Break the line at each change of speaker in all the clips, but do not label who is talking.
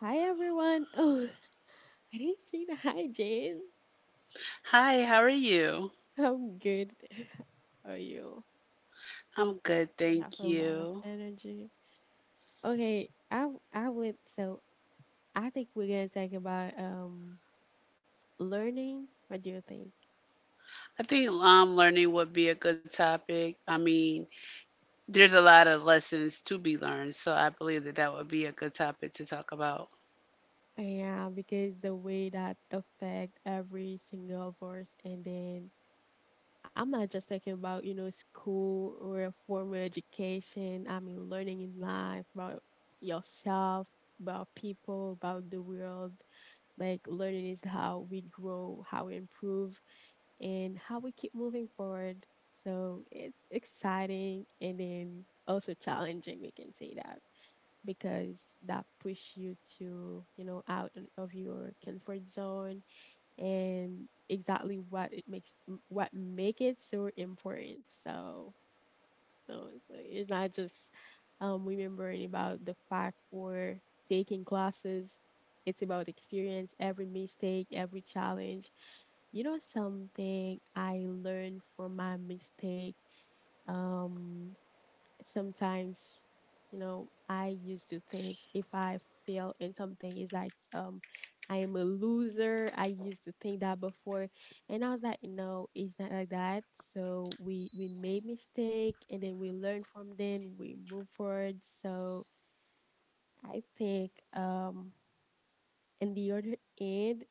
Hi everyone. Oh, I didn't say the hi, Jane.
Hi, how are you?
I'm good. How are you?
I'm good,
You have
thank
a lot of
you.
energy. Okay, I would. So I think we're gonna talk about learning. What do you think?
I think learning would be a good topic. I mean, there's a lot of lessons to be learned, so I believe that that would be a good topic to talk about.
Yeah, because the way that affect every single of us. And then I'm not just talking about school or formal education. I mean learning in life about yourself, about people, about the world. Like learning is how we grow, how we improve, and how we keep moving forward. So it's exciting and then also challenging, we can say that, because that push you to, out of your comfort zone and exactly what make it so important. So it's like it's not just remembering about the fact or taking classes. It's about experience, every mistake, every challenge. You know something I learned from my mistake. Um sometimes, I used to think if I fail in something, it's like I am a loser. I used to think that before, and I was like, no, it's not like that. So we made mistake and then we learn from them, we move forward. So I think in the other end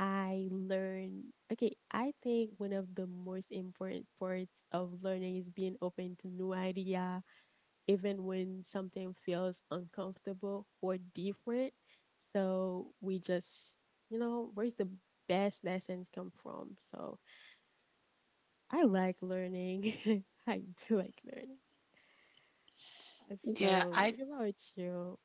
I learn. Okay, I think one of the most important parts of learning is being open to new idea even when something feels uncomfortable or different. So we just, where's the best lessons come from? So I like learning. I do like learning. Uh,
Yeah,
So
I
what about you?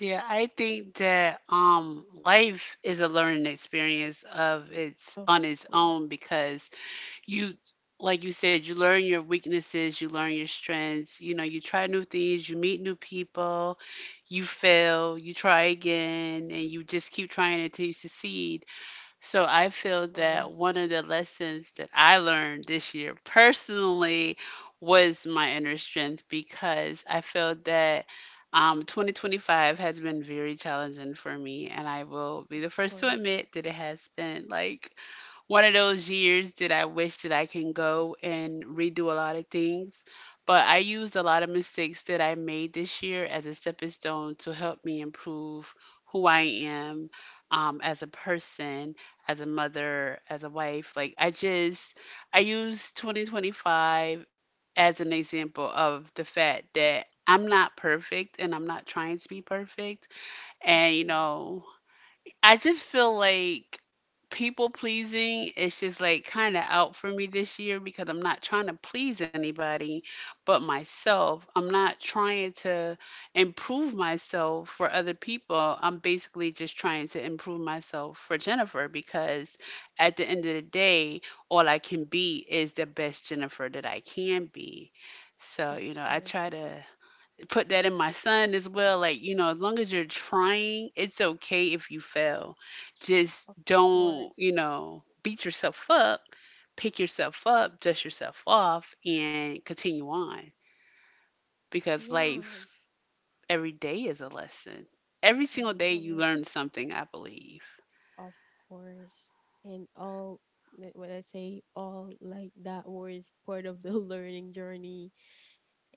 yeah, I think that life is a learning experience of its
Of
on its
course,
own because you like you said, you learn your weaknesses, you learn your strengths, you know, you try new things, you meet new people, you fail, you try again, and you just keep trying until you succeed. So I feel
of
that
course,
one of the lessons that I learned this year personally was my inner strength, because I felt that 2025 has been very challenging for me, and I will be
of
the first to
course,
admit that it has been like one of those years that I wish that I can go and redo a lot of things. But I used a lot of mistakes that I made this year as a stepping stone to help me improve who I am, as a person, as a mother, as a wife. I use 2025 as an example of the fact that I'm not perfect and I'm not trying to be perfect.
of
And you
course,
know, I just feel like people pleasing is just like kind of out for me this year, because I'm not trying to please anybody but myself. I'm not trying to improve myself for other people. I'm basically just trying to improve myself for Jennifer, because at the end of the day, all I can be is the best Jennifer that I can be. So,
of
you know, I
course,
try to put that in my son as well. Like, you know, as long as you're trying, it's okay if you fail. Just
of
don't,
course.
you know, beat yourself up, pick yourself up, dust yourself off, and continue on, because
Yeah,
life every day is a lesson. Every
yeah,
single day you
yeah.
learn something, I believe.
Of course. And all, like, when I say all, like that word is part of the learning journey.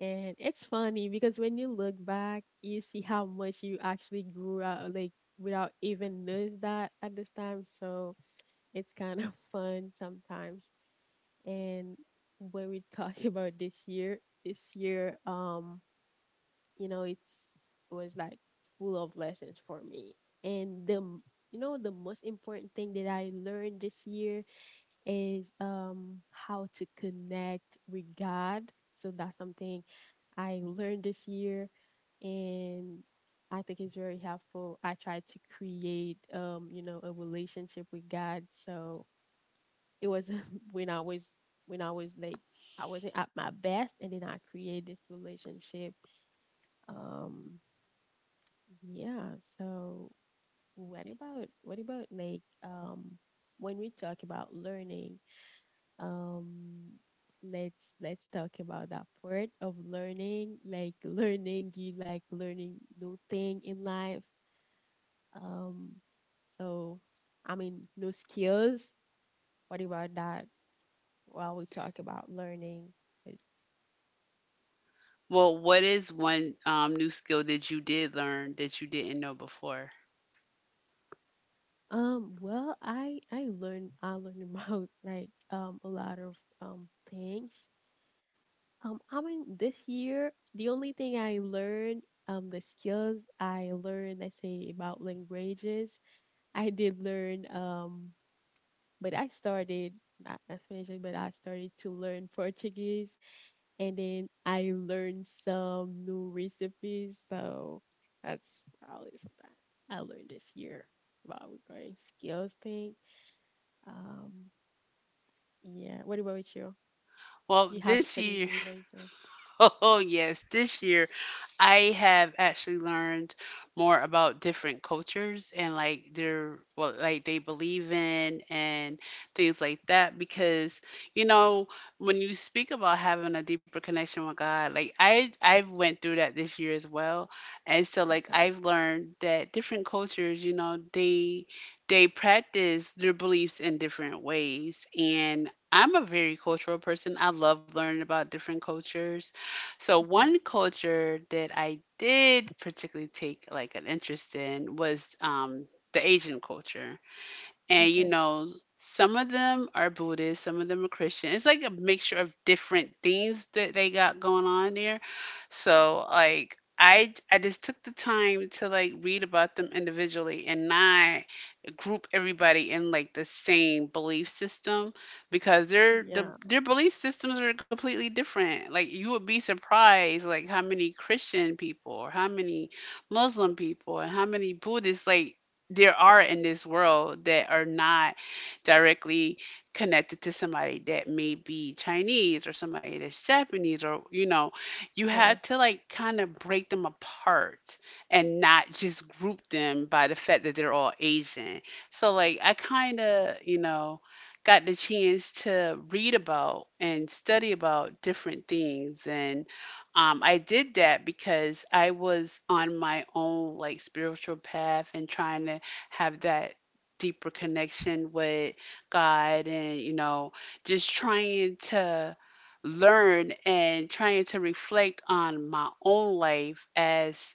And it's funny because when you look back, you see how much you actually grew out, like without even notice that at this time. So it's kind of fun sometimes. And when we talk about this year, you know it's it was like full of lessons for me. And the most important thing that I learned this year is how to connect with God. So that's something I learned this year. And I think it's very helpful. I tried to create, a relationship with God. So it was when I was, when i was like I wasn't at my best, and then I created this relationship. um yeah. So what about when we talk about learning, um let's talk about that part of learning, like learning you like learning new thing in life. Um so I mean new skills. What about that while we talk about learning? Like,
Well, what is one new skill that you did learn that you didn't know before?
Well I learn about like a lot of things. I mean, this year, the only thing I learned, the skills I learned, I say about languages. I did learn, but I started not Spanish, but I started to learn Portuguese, and then I learned some new recipes. So that's probably something I learned this year about regarding skills thing. Um, yeah. What about you?
Well,
You have
this
any
year,
new language?
oh yes, this year I have actually learned more about different cultures and like their, what like they believe in and things like that, because you know, when you speak about having a deeper connection with God, like I went through that this year as well. And so like
Okay.
I've learned that different cultures, you know, they practice their beliefs in different ways, and I'm a very cultural person. I love learning about different cultures, so
Okay.
one culture that I did particularly take like an interest in was the Asian culture, and you
Okay.
know, some of them are Buddhist, some of them are Christian. It's like a mixture of different things that they got going on there. So like I just took the time to like read about them individually and not group everybody in like the same belief system, because
Yeah.
their belief systems are completely different. Like you would be surprised like how many Christian people or how many Muslim people and how many Buddhists like there are in this world that are not directly connected to somebody that may be Chinese or somebody that's Japanese, or you know, you have
Horse.
to like kind of break them apart and not just group them by the fact that they're all Asian. So, like, I kinda, you know, got the chance to read about and study about different things. And I did that because I was on my own, like, spiritual path and trying to have that deeper connection with God and, you know, just trying to learn and trying to reflect on my own life, as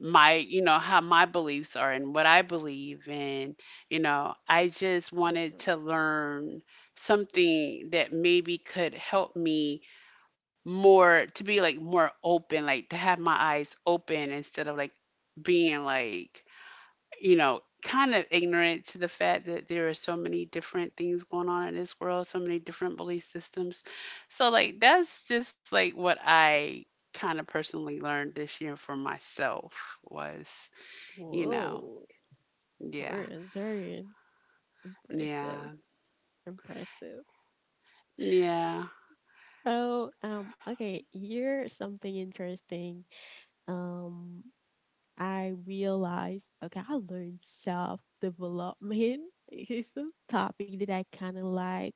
my, you know, how my beliefs are and what I believe, and you know, I just wanted to learn something that maybe could help me more, to be like more open, like to have my eyes open, instead of like being like, you know, kind of ignorant to the fact that there are so many different things going on in this world, so many different belief systems. So like that's just like what I kind of personally learned this year for myself was, you know,
Whoa,
yeah,
horse. Very
yeah,
impressive. Impressive.
yeah.
Oh, okay. Here's something interesting. Um, I realized, okay, I learned self development. It's a topic that I kind of like,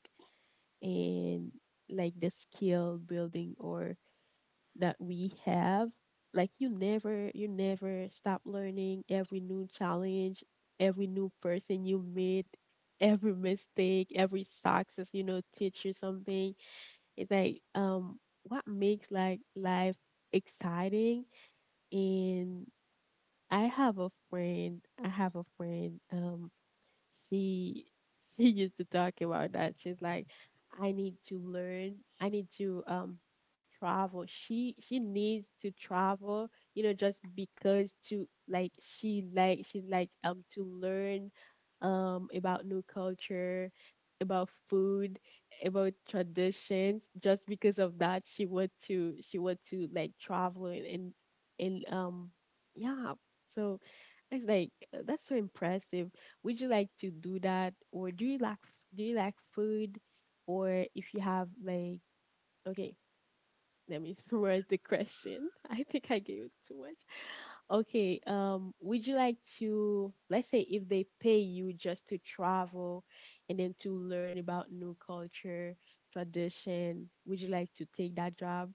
and like the skill building or that we have, like you never stop learning. Every new challenge, every new person you meet, every mistake, every success, teach you something. It's like what makes like life exciting. And I have a friend, she she used to talk about that. She's like, I need to learn. I need to travel. She needs to travel, just because to like she's like to learn about new culture, about food, about traditions. Just because of that, she want to like travel and yeah. So it's like that's so impressive. Would you like to do that, or do you like do you like food, or if you have like, okay, let me summarize the question. I think I gave it too much. Okay, would you like to, let's say if they pay you just to travel and then to learn about new culture, tradition, would you like to take that job?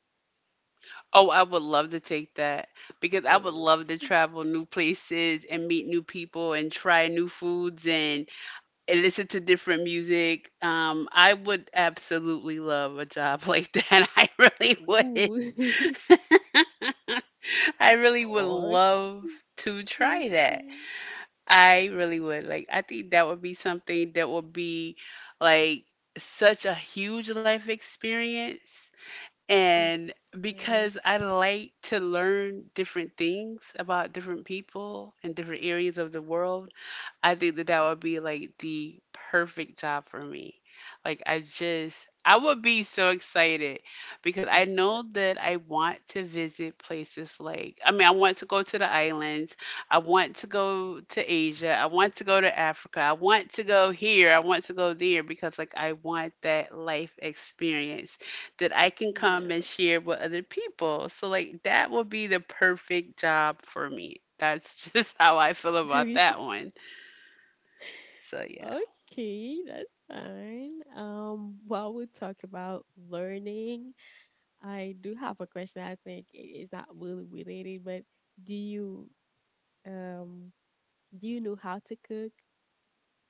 Oh, I would love to take that, because
Uh,
I would love to travel new places and meet new people and try new foods, and listen to different music. I would absolutely love a job like that. I really would.
ooh.
I really would
Okay.
love to try that.
Okay.
I really would. Like, I think that would be something that would be like such a huge life experience. And
Okay.
because I like to learn different things about different people and different areas of the world, I think that that would be like the perfect job for me. Like I just I would be so excited, because
Yeah,
I know that I want to visit places like, I mean, I want to go to the islands. I want to go to Asia. I want to go to Africa. I want to go here. I want to go there, because like I want that life experience that I can come and
yeah.
share with other people. So like that would be the perfect job for me. That's just how I feel about that one. So yeah.
Okay, that's fine. While we talk about learning, I do have a question. I think it's not really related, but do you um do you know how to cook?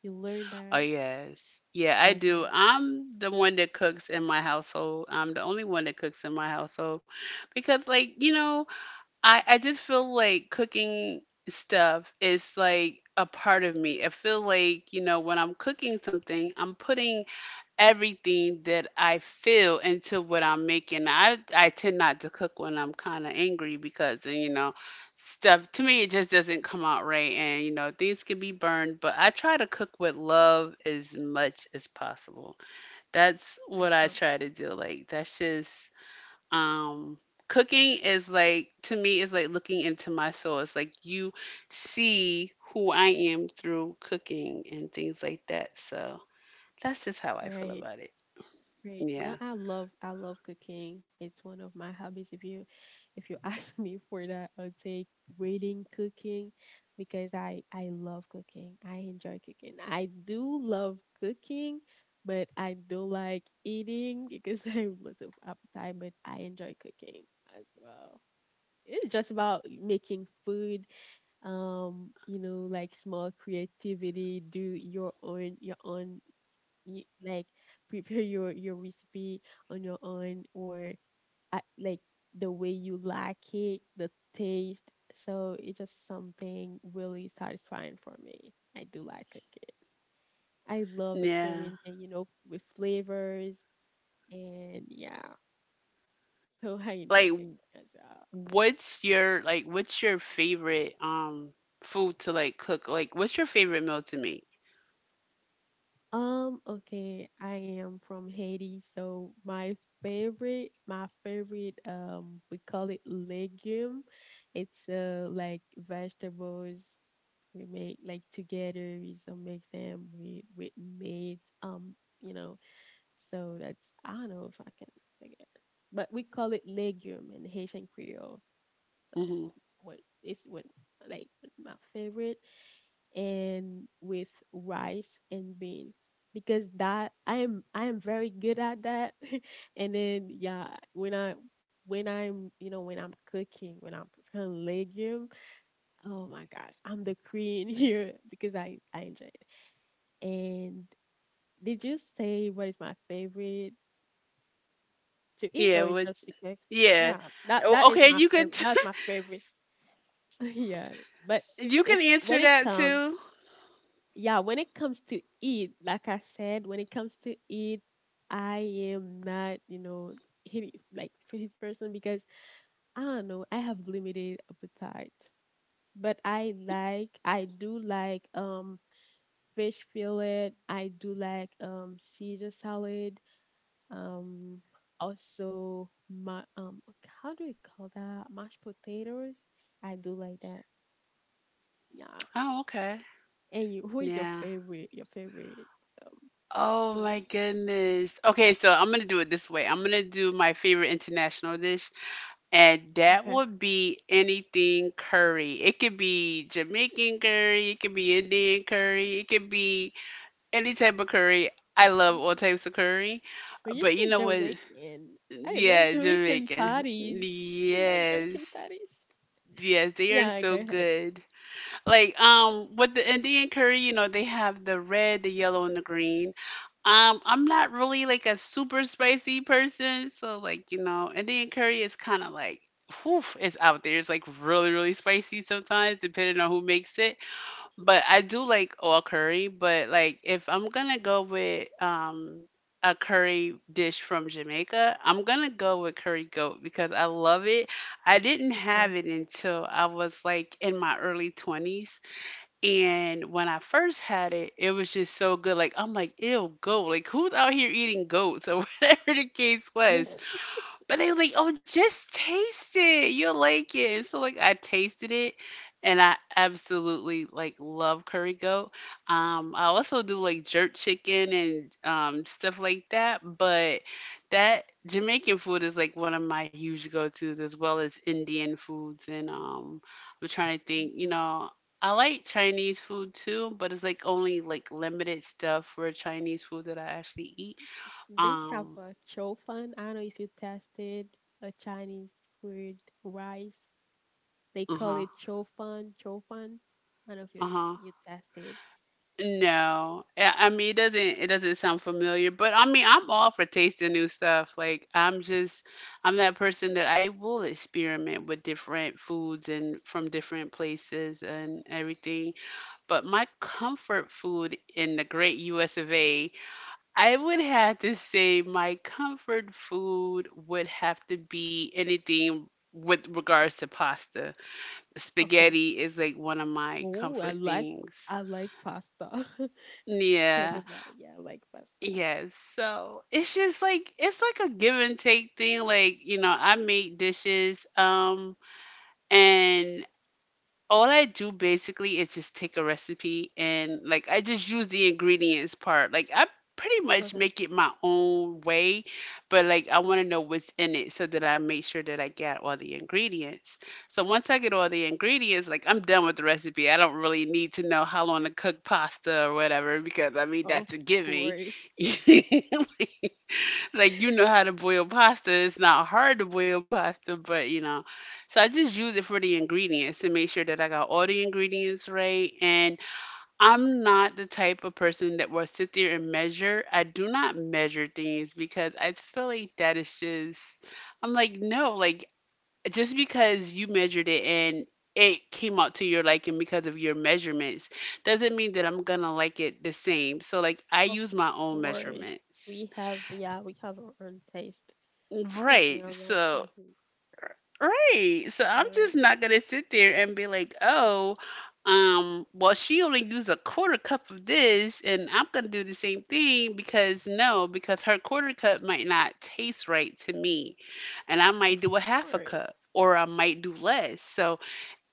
You learn
Oh
that?
yes. Yeah, I do.
Okay,
I'm the one that cooks in my household. I'm the only one that cooks in my household, because like, you know, I just feel like cooking stuff is like a part of me. I feel like, you know, when I'm cooking something, I'm putting everything that I feel into what I'm making. I tend not to cook when I'm kind of angry, because you know, stuff to me, it just doesn't come out right, and you know things can be burned, but I try to cook with love as much as possible. That's what I try to do. Like, that's just, um cooking is, like, to me is like looking into my soul. It's like you see who I am through cooking and things like that, so that's just how I feel
okay.
about it.
Right. Now
Yeah.
I love cooking. It's one of my hobbies. If you ask me for that, I'll take reading, cooking because I love cooking. I enjoy cooking. I do love cooking, but I don't like eating because I have lots of appetite, but I enjoy cooking as well. It's just about making food, like small creativity, do your own you, like prepare your recipe on your own or like the way you like it, the taste. So it's just something really satisfying for me. I do like cooking. I love
Yeah.
experimenting, with flavors and yeah. So I enjoy
Like,
cooking as well.
what's your favorite food to like cook? Like, what's your favorite meal to make?
Okay, I am from Haiti, so my favorite, we call it legume. It's like vegetables we make like together. We some mix them with meat. You know, so that's, I don't know if I can take it, but we call it legume in Haitian Creole. So
Hmm.
it's what like my favorite and with rice and beans because that I am very good at that. And then yeah, when I when I'm when I'm cooking when I'm preparing legume, oh my gosh, I'm the queen here because I enjoy it. And did you say what is my favorite to eat
Yeah,
or just
what's,
to cook?
yeah.
Yeah,
Oh,
that is
okay,
my
you could
favorite. That's my favorite. Yeah, but
you can
if
answer
when it
that too.
comes, yeah, when it comes to eat, like I said, when it comes to eat, I am not, hit like fit person because I don't know, I have limited appetite. But I do like fish fillet. I do like Caesar salad. Um, also my how do we call that mashed potatoes? I do like that. Yeah.
Oh, okay.
And you, who is your
Yeah.
favorite? Your favorite um
Oh my
food?
goodness. Okay, so I'm gonna do it this way. I'm gonna do my favorite international dish, and that
Okay.
would be anything curry. It could be Jamaican curry, it could be Indian curry, it could be any type of curry. I love all
Okay.
types of curry.
When you
But
say
you know what?
Jamaican, I like
Yeah,
Jamaican
Jamaican.
parties. I like Jamaican
Yes.
parties.
Yes, they are
Yeah, go
so
ahead.
good. Like, with the Indian curry, you know, they have the red, the yellow and the green. Um, I'm not really like a super spicy person, so like, you know, Indian curry is kind of like, whew, it's out there. It's like really, really spicy sometimes, depending on who makes it. But I do like all curry, but like if I'm gonna go with a curry dish from Jamaica, I'm gonna go with curry goat, because I love it. I didn't
Yeah.
have it until I was like in my early 20s. And when I first had it, it was just so good. Like I'm like, ew, goat. Like, who's out here eating goats or whatever the case was? But they were like, "Oh, just taste it. You'll like it." So like I tasted it, and I absolutely like love curry goat. I also do like jerk chicken and stuff like that, but that Jamaican food is like one of my huge go-tos, as well as Indian foods. And I'm trying to think, you
Okay.
know, I like Chinese food too, but it's like only like limited stuff for Chinese food that I actually eat.
They have
Um,
a chow fun. I don't know if you tasted a Chinese food rice. They call
uh-huh.
it chow fun, chow fun. I don't know if
Uh-huh.
you tasted.
No, I mean, it doesn't sound familiar, but I mean I'm all for tasting new stuff. Like I'm just, I'm that person that I will experiment with different foods and from different places and everything. But my comfort food in the great US of A, I would have to say my comfort food would have to be anything with regards to pasta.
Okay.
Spaghetti is like one of my
Oh,
comfort things.
I like pasta.
Yeah,
Everybody, yeah, I like pasta.
yes. So it's just like it's like a give and take thing. Like, you know, I make dishes, and all I do basically is just take a recipe and like I just use the ingredients part. Like I pretty much
Okay.
make it my own way, but like I want to know what's in it so that I make sure that I get all the ingredients. So once I get all the ingredients, like I'm done with the recipe. I don't really need to know how long to cook pasta or whatever because I mean
Of
that's a given.
course.
Like you know how to boil pasta. It's not hard to boil pasta, but you know. So I just use it for the ingredients to make sure that I got all the ingredients right. And I'm not the type of person that will sit there and measure. I do not measure things because I feel like that is just I'm like, no, like just because you measured it and it came out to your liking because of your measurements doesn't mean that I'm gonna like it the same. So like I
Of
use my own
course,
measurements.
we have, yeah, we have our own taste. That's something
Right.
I'm like,
So
mm-hmm,
Right. So I'm just
or
not gonna sit there and be like, well, she only used a quarter cup of this, and I'm gonna do the same thing because no, because her quarter cup might not taste right to me, and I
of
might do a half a
course,
cup or I might do less. So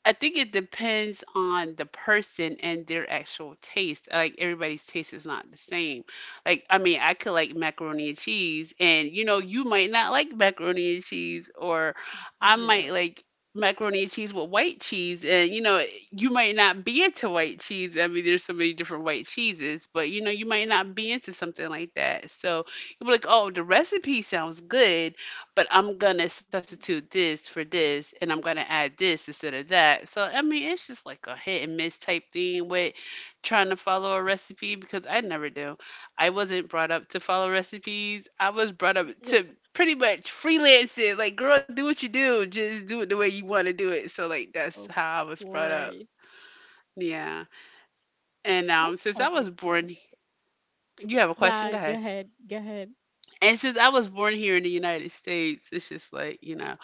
I think it depends on the person and their actual taste. Like everybody's taste is not the same. Like I mean, I could like macaroni and cheese and you might not like macaroni and cheese, or I
yeah,
might like macaroni and cheese with white cheese, and you might not be into white cheese. I mean, there's so many different white cheeses, but you might not be into something like that. So you'll be like, "Oh, the recipe sounds good, but I'm gonna
mm,
substitute this for this, and I'm gonna add this instead of that." So I mean, it's just like a hit and miss type thing with trying to follow a recipe because I never do. I wasn't brought up to follow recipes. I was brought up
yeah,
to pretty much freelance it. Like, girl, do what you do. Just do it the way you want to do it. So like that's
of
how I was brought up.
course.
Yeah. And
I
since I
have a
was born,
question.
you have a question. Go
Yeah, go
ahead.
ahead, go ahead.
And since I was born here in the United States, it's just like.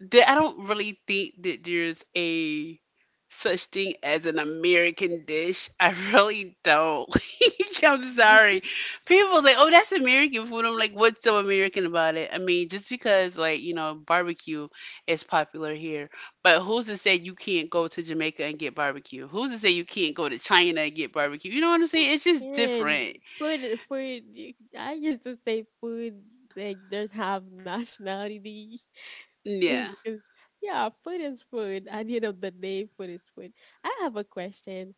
There, I don't really think that there's a such thing as an American dish. I really don't. I'm sorry. People say, "Oh, that's American food." I'm like, "What's so American about it?" I mean, just because barbecue is popular here, but who's to say you can't go to Jamaica and get barbecue? Who's to say you can't go to China and get barbecue? You know what I'm saying? It's just
And
different.
food, food. I used to say food. Like, doesn't have nationality
Yeah.
because yeah, food is food. At the end of the day, food is food. I have a question.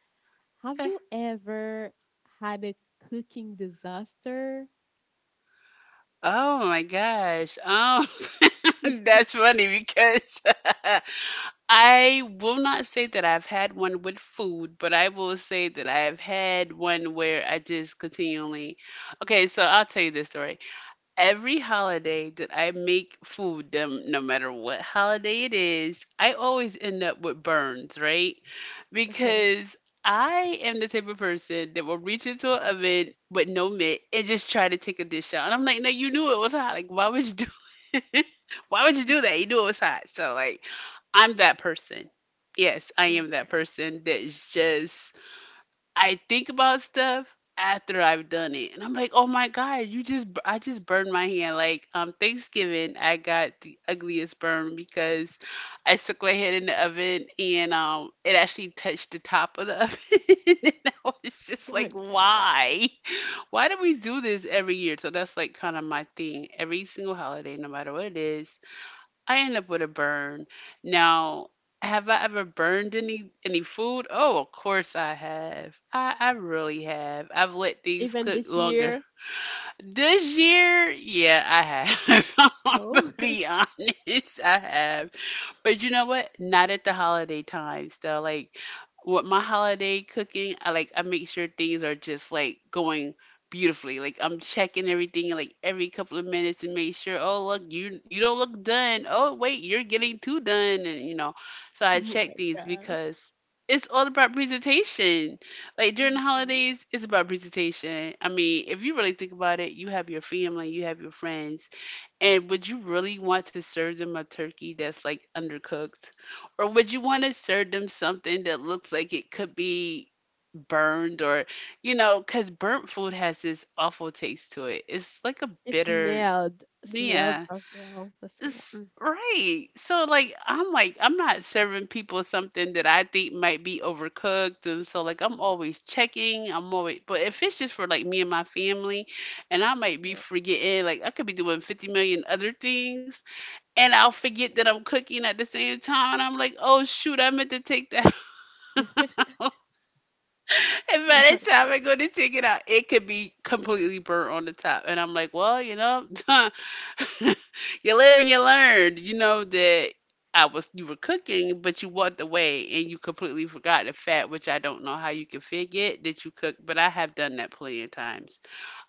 Have
Okay.
you ever had a cooking disaster?
Oh my gosh. That's funny because I will not say that I've had one with food, but I will say that I have had one where I just continually. Okay, so I'll tell you this story. Every holiday that I make food, no matter what holiday it is, I always end up with burns, right?
Okay,
Because I am the type of person that will reach into an oven with no mitt and just try to take a dish out. And I'm like, no, you knew it was hot. Like, why would you do why would you do that? You knew it was hot. So like, I'm that person. Yes, I am that
okay.
person that's just I think about stuff after I've done it, and I'm like, "Oh my God, you just I just burned my hand." Like Thanksgiving, I got the ugliest burn because I stuck my head in the oven and it actually touched the top of the oven, and I was
Oh
just like,
my god.
"Why? Why do we do this every year?" So that's like kind of my thing. Every single holiday, no matter what it is, I end up with a burn. Now, have I ever burned any food? Oh, of course I have. I really have. I've let things
Even
cook
this
longer.
year?
This year, yeah, I have. I'm gonna
Oh
be honest, I have. But you know what? Not at the holiday time. So like with my holiday cooking, I like I make sure things are just like going beautifully. Like I'm checking everything like every couple of minutes and make sure, oh look, you don't look done. Oh wait, you're getting too done and you know. So I
my
check these
gosh.
because it's all about presentation. Like during the
Mm-hmm.
holidays, it's about presentation. I mean, if you really think about it, you have your family, you have your friends, and would you really want to serve them a turkey that's like undercooked? Or would you want to serve them something that looks like it could be burned? Or, you know, because burnt food has this awful taste to it. It's like a
It
bitter,
smelled. Smelled
yeah.
as well. The smell.
It's
Mm.
right. So like, I'm not serving people something that I think might be overcooked. And so like, I'm always checking. I'm always, but if it's just for like me and my family, and I might be forgetting, like, I could be doing 50 million other things, and I'll forget that I'm cooking at the same time. And I'm like, oh, shoot, I meant to take that out.
Good.
And
Oh
by
my
the time I go to take it out, it could be completely burnt on the top. And I'm like, well, you know, you live and you learn. You know that I was you were cooking, but you walked away and you completely forgot the fact, which I don't know how you can forget that you cook, but I have done that plenty of times.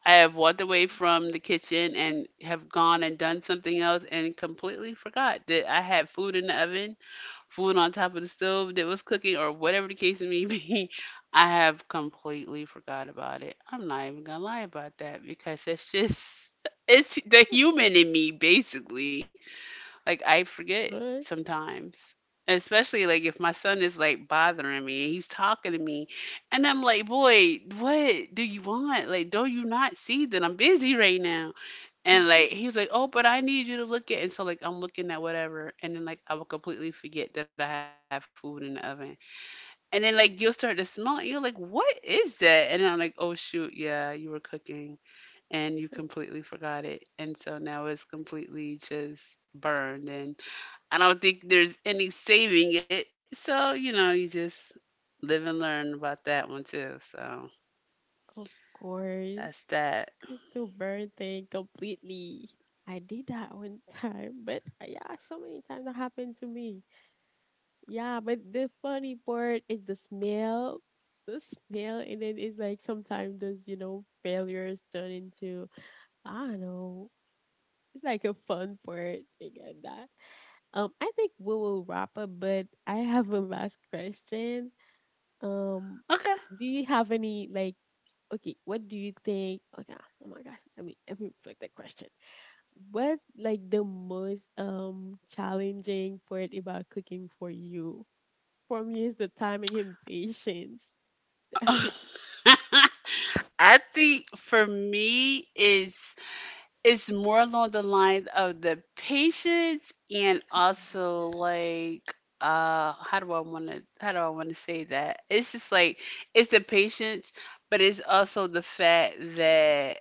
I have walked away from the kitchen and have gone and done something else and completely forgot that I had food in the oven, food on top of the stove that was cooking or whatever the case may be, I have completely forgot about it. I'm not even gonna lie about that because it's just it's the human in me basically. Like I forget
god.
sometimes. Especially like if my son is like bothering me and he's talking to me, and I'm like, boy, what do you want? Like, don't you not see that I'm busy right now? And
Mhm.
like he was like, "Oh, but I need you to look at." And so like I'm looking at whatever, and then like I will completely forget that I have food in the oven. And then like you'll start to smell it. You're like, "What is that?" And then I'm like, "Oh shoot, yeah, you were cooking and you completely forgot it." And so now it's completely just burned, and I don't think there's any saving it. So you know, you just live and learn about that one too. So
Of
that's
course.
that.
It's to burn thing completely. I did that one time, but yeah, so many times that happened to me. Yeah, but the funny part is the smell. The smell, and then it's like sometimes those, failures turn into, I don't know, it's like a fun part. I get that. I think we will wrap up, but I have a last question. Um,
Okay.
do you have any, like, okay, what do you think? Okay, oh my gosh, let me reflect that question. What's like the most challenging part about cooking for you? For me, it's the timing and patience. Definitely.
I think for me is it's more along the lines of the patience and
Mhm,
also
yeah.
like how do I want to say that? It's just like it's the patience, but it's also the fact that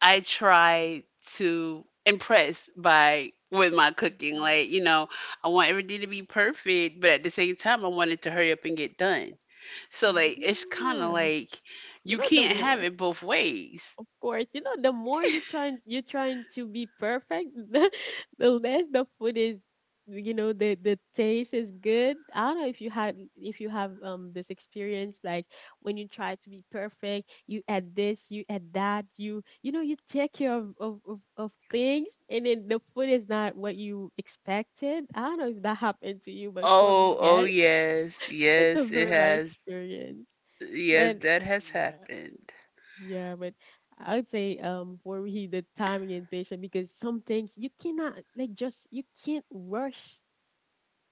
I try to impress by with my cooking.
Mhm.
Like, you know, I want everything to be perfect, but at the same time I want it to hurry up and get done. So like it's kind of
Yeah.
like
You
you
know, the
can't have
more,
it both ways.
of course, the more you are trying to be perfect, the less the food is, the taste is good. I don't know if you had if you have this experience like when you try to be perfect, you add this, you add that, you you take care of things, and then the food is not what you expected. I don't know if that happened to you, but for me,
Oh, oh
yes,
yes,
it's a
yes, it
very bad
has.
experience.
Yes,
But
that has
yeah.
happened.
Yeah, but I would say for me the timing and patience because some things you can't rush.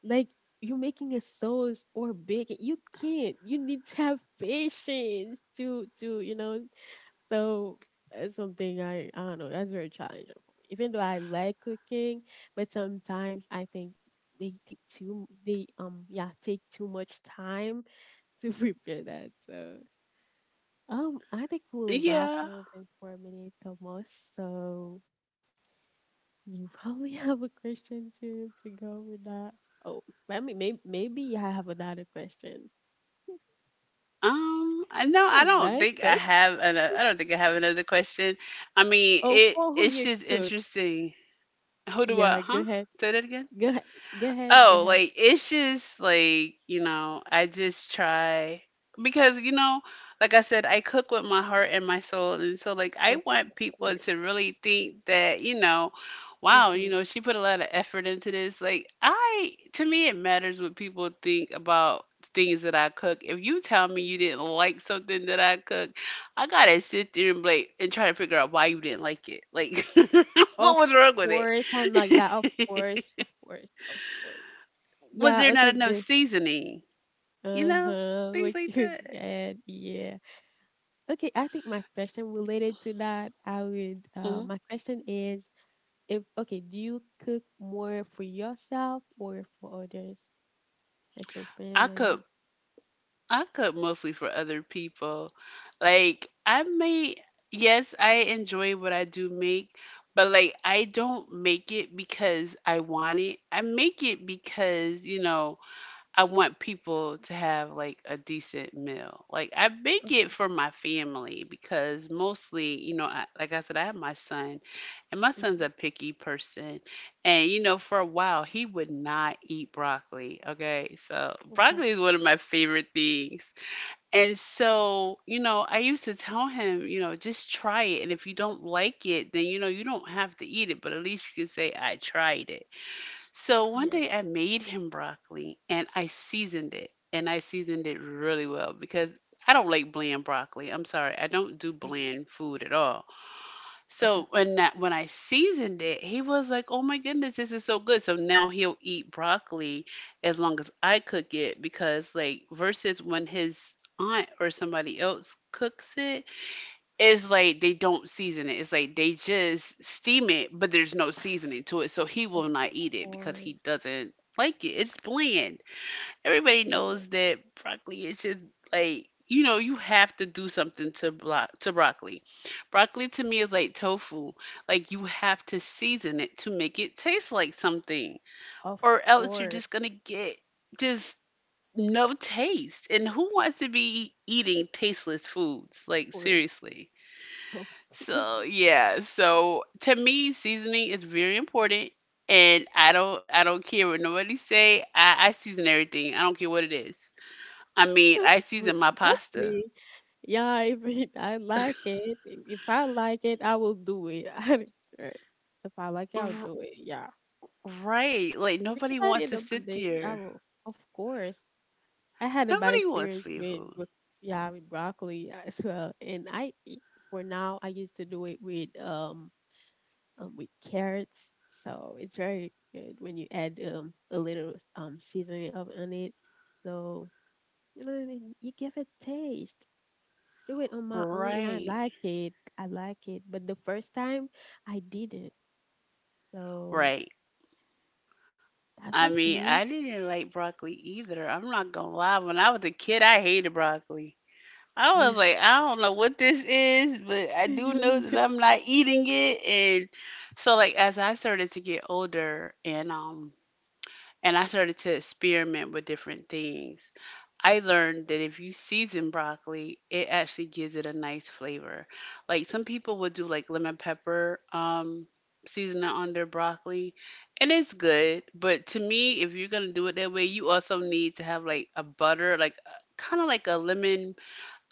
Like you're making a sauce or bacon, you can't. You need to have patience to. So that's something I don't know. That's very challenging for me. Even though I like cooking, but sometimes I think they take too much time to prepare that. So I think we'll
Yeah.
wrap a little bit for a minute or, so you probably have a question to go with that. Oh, I mean, maybe I have another question.
I know. I
I
don't
like
think I
question.
have. An, I don't think I have another question. I mean,
Oh,
it.
for who
It's
you
just
cook?
interesting. Who do I?
Yeah, go
Huh?
ahead.
Say that again.
Go ahead. Go ahead. Go
Oh,
ahead.
like it's just like, you know, I just try because, you know, like I said, I cook with my heart and my soul. And so like, I
Of
want people
course.
to really think that, you know, wow, you
Mm-hmm.
know, she put a lot of effort into this. Like, I, to me, it matters what people think about things that I cook. If you tell me you didn't like something that I cook, I gotta sit there and like, and try to figure out why you didn't like it. Like, what
Of
was wrong with
course. I'm like that. Of
it?
course. Of course. Of course.
Was
Yeah.
there
Okay.
not enough
The
seasoning? You
Uh
know,
huh.
things
What
like
you
that.
said. Yeah. Okay, I think my question related to that,
Mhm.
my question is if, okay, do you cook more for yourself or for others, like for
I
family? Yeah.
cook I cook mostly for other people. Like I may yes, I enjoy what I do make, but like I don't make it because I want it. I make it because, you know, I want people to have like a decent meal. Like I make it
Okay.
for my family because mostly, you know, I, like I said, I have my son, and my son's
Hmm.
a picky person, and you know, for a while he would not eat broccoli. Okay, so
Okay.
broccoli is one of my favorite things, and so you know, I used to tell him, you know, just try it, and if you don't like it, then you know, you don't have to eat it, but at least you can say I tried it. So one
Yeah.
day I made him broccoli and I seasoned it, and I seasoned it really well because I don't like bland broccoli. I'm sorry, I don't do
Mhm.
bland food at all.
Okay.
So when that when I seasoned it, he was like, "Oh my goodness, this is so good." So now he'll eat broccoli as long as I cook it, because like versus when his aunt or somebody else cooks it, it's like they don't season it. It's like they just steam it, but there's no seasoning to it. So he
Of
will not eat it because he
course.
doesn't like it. It's bland. Everybody
Yeah.
knows that broccoli is just like you know you have to do something to to broccoli. Broccoli to me is like tofu. Like you have to season it to make it taste like something,
Of
or else you're
course.
just gonna get just no taste. And who wants to be eating tasteless foods? Like
For,
seriously.
of course.
So yeah, so to me, seasoning is very important, and I don't care what nobody say. I season everything. I don't care what it is. I mean, I
Wait,
season my
that's
pasta.
me. Yeah, if it, I like it, if I like it, I will do it. I don't care. If I like it, I'll
R-
do it. Yeah.
right, like
Because
nobody
at the
wants
end
to
of the
sit
day,
there.
of course, I had a bad
Nobody wants
experience
free
with,
food.
with yeah, with broccoli as well. And I, for now, I used to do it with carrots. So it's very good when you add a little seasoning of on it. So and you give it taste. I do it on my own, and I
Right,
like it. I like it. But the first time, I didn't. So
right.
that's
I
the
mean,
thing.
I didn't like broccoli either. I'm not gonna lie. When I was a kid, I hated broccoli. I was like, I don't know what this is, but I do know that I'm not eating it. And so like as I started to get older and and I started to experiment with different things, I learned that if you season broccoli, it actually gives it a nice flavor. Like some people would do like lemon pepper seasoning on their broccoli, and it's good, but to me, if you're gonna do it that way, you also need to have like a butter, like kind of like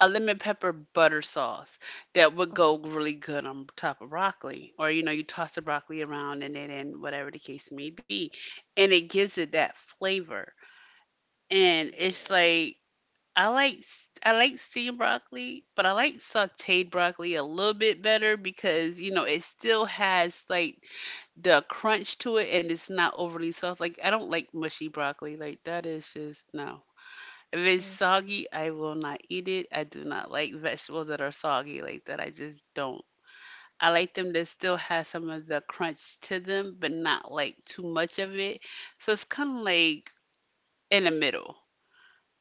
a lemon pepper butter sauce that would
Of
go
course.
really good on top of broccoli. Or, you know, you toss the broccoli around and it in whatever the case may be. And it gives it that flavor. And it's
Yeah.
like I like steamed broccoli, but I like sauteed broccoli a little bit better because, you know, it still has like the crunch to it and it's not overly soft. Like I don't like mushy broccoli. Like that is just no. If it's
Oh,
soggy, I will not eat it. I do not like vegetables that are soggy like that. I just don't. I like them that still has some of the crunch to them, but not like too much of it. So it's kind of like in the middle.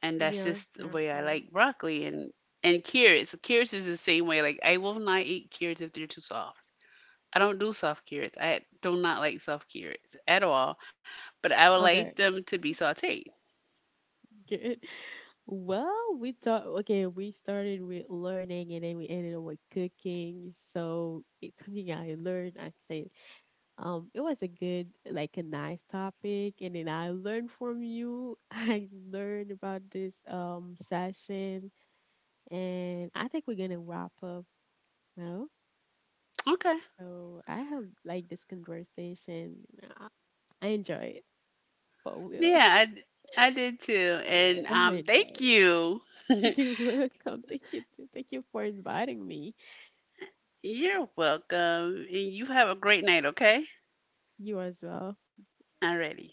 And that's
young,
just the way I like
terrifying.
broccoli and carrots. Carrots is the same way. Like I will not eat carrots if they're too soft. I don't do soft carrots. I do not like soft carrots at all. But I would
Okay,
like them to be sauteed.
good. Well, we thought okay, we started with learning and then we ended up with cooking. So it's something I learned. I say, it was a good, like a nice topic, and then I learned from you. I learned about this session, and I think we're gonna wrap up now.
Okay.
So I have like this conversation. I, I enjoy it for real.
Yeah, I did too. And
Yeah, I enjoy
thank
it.
you.
You're welcome. Thank you. Too. Thank you for inviting me. Yeah.
You're welcome. And you have a great night, okay?
You as well.
Alrighty.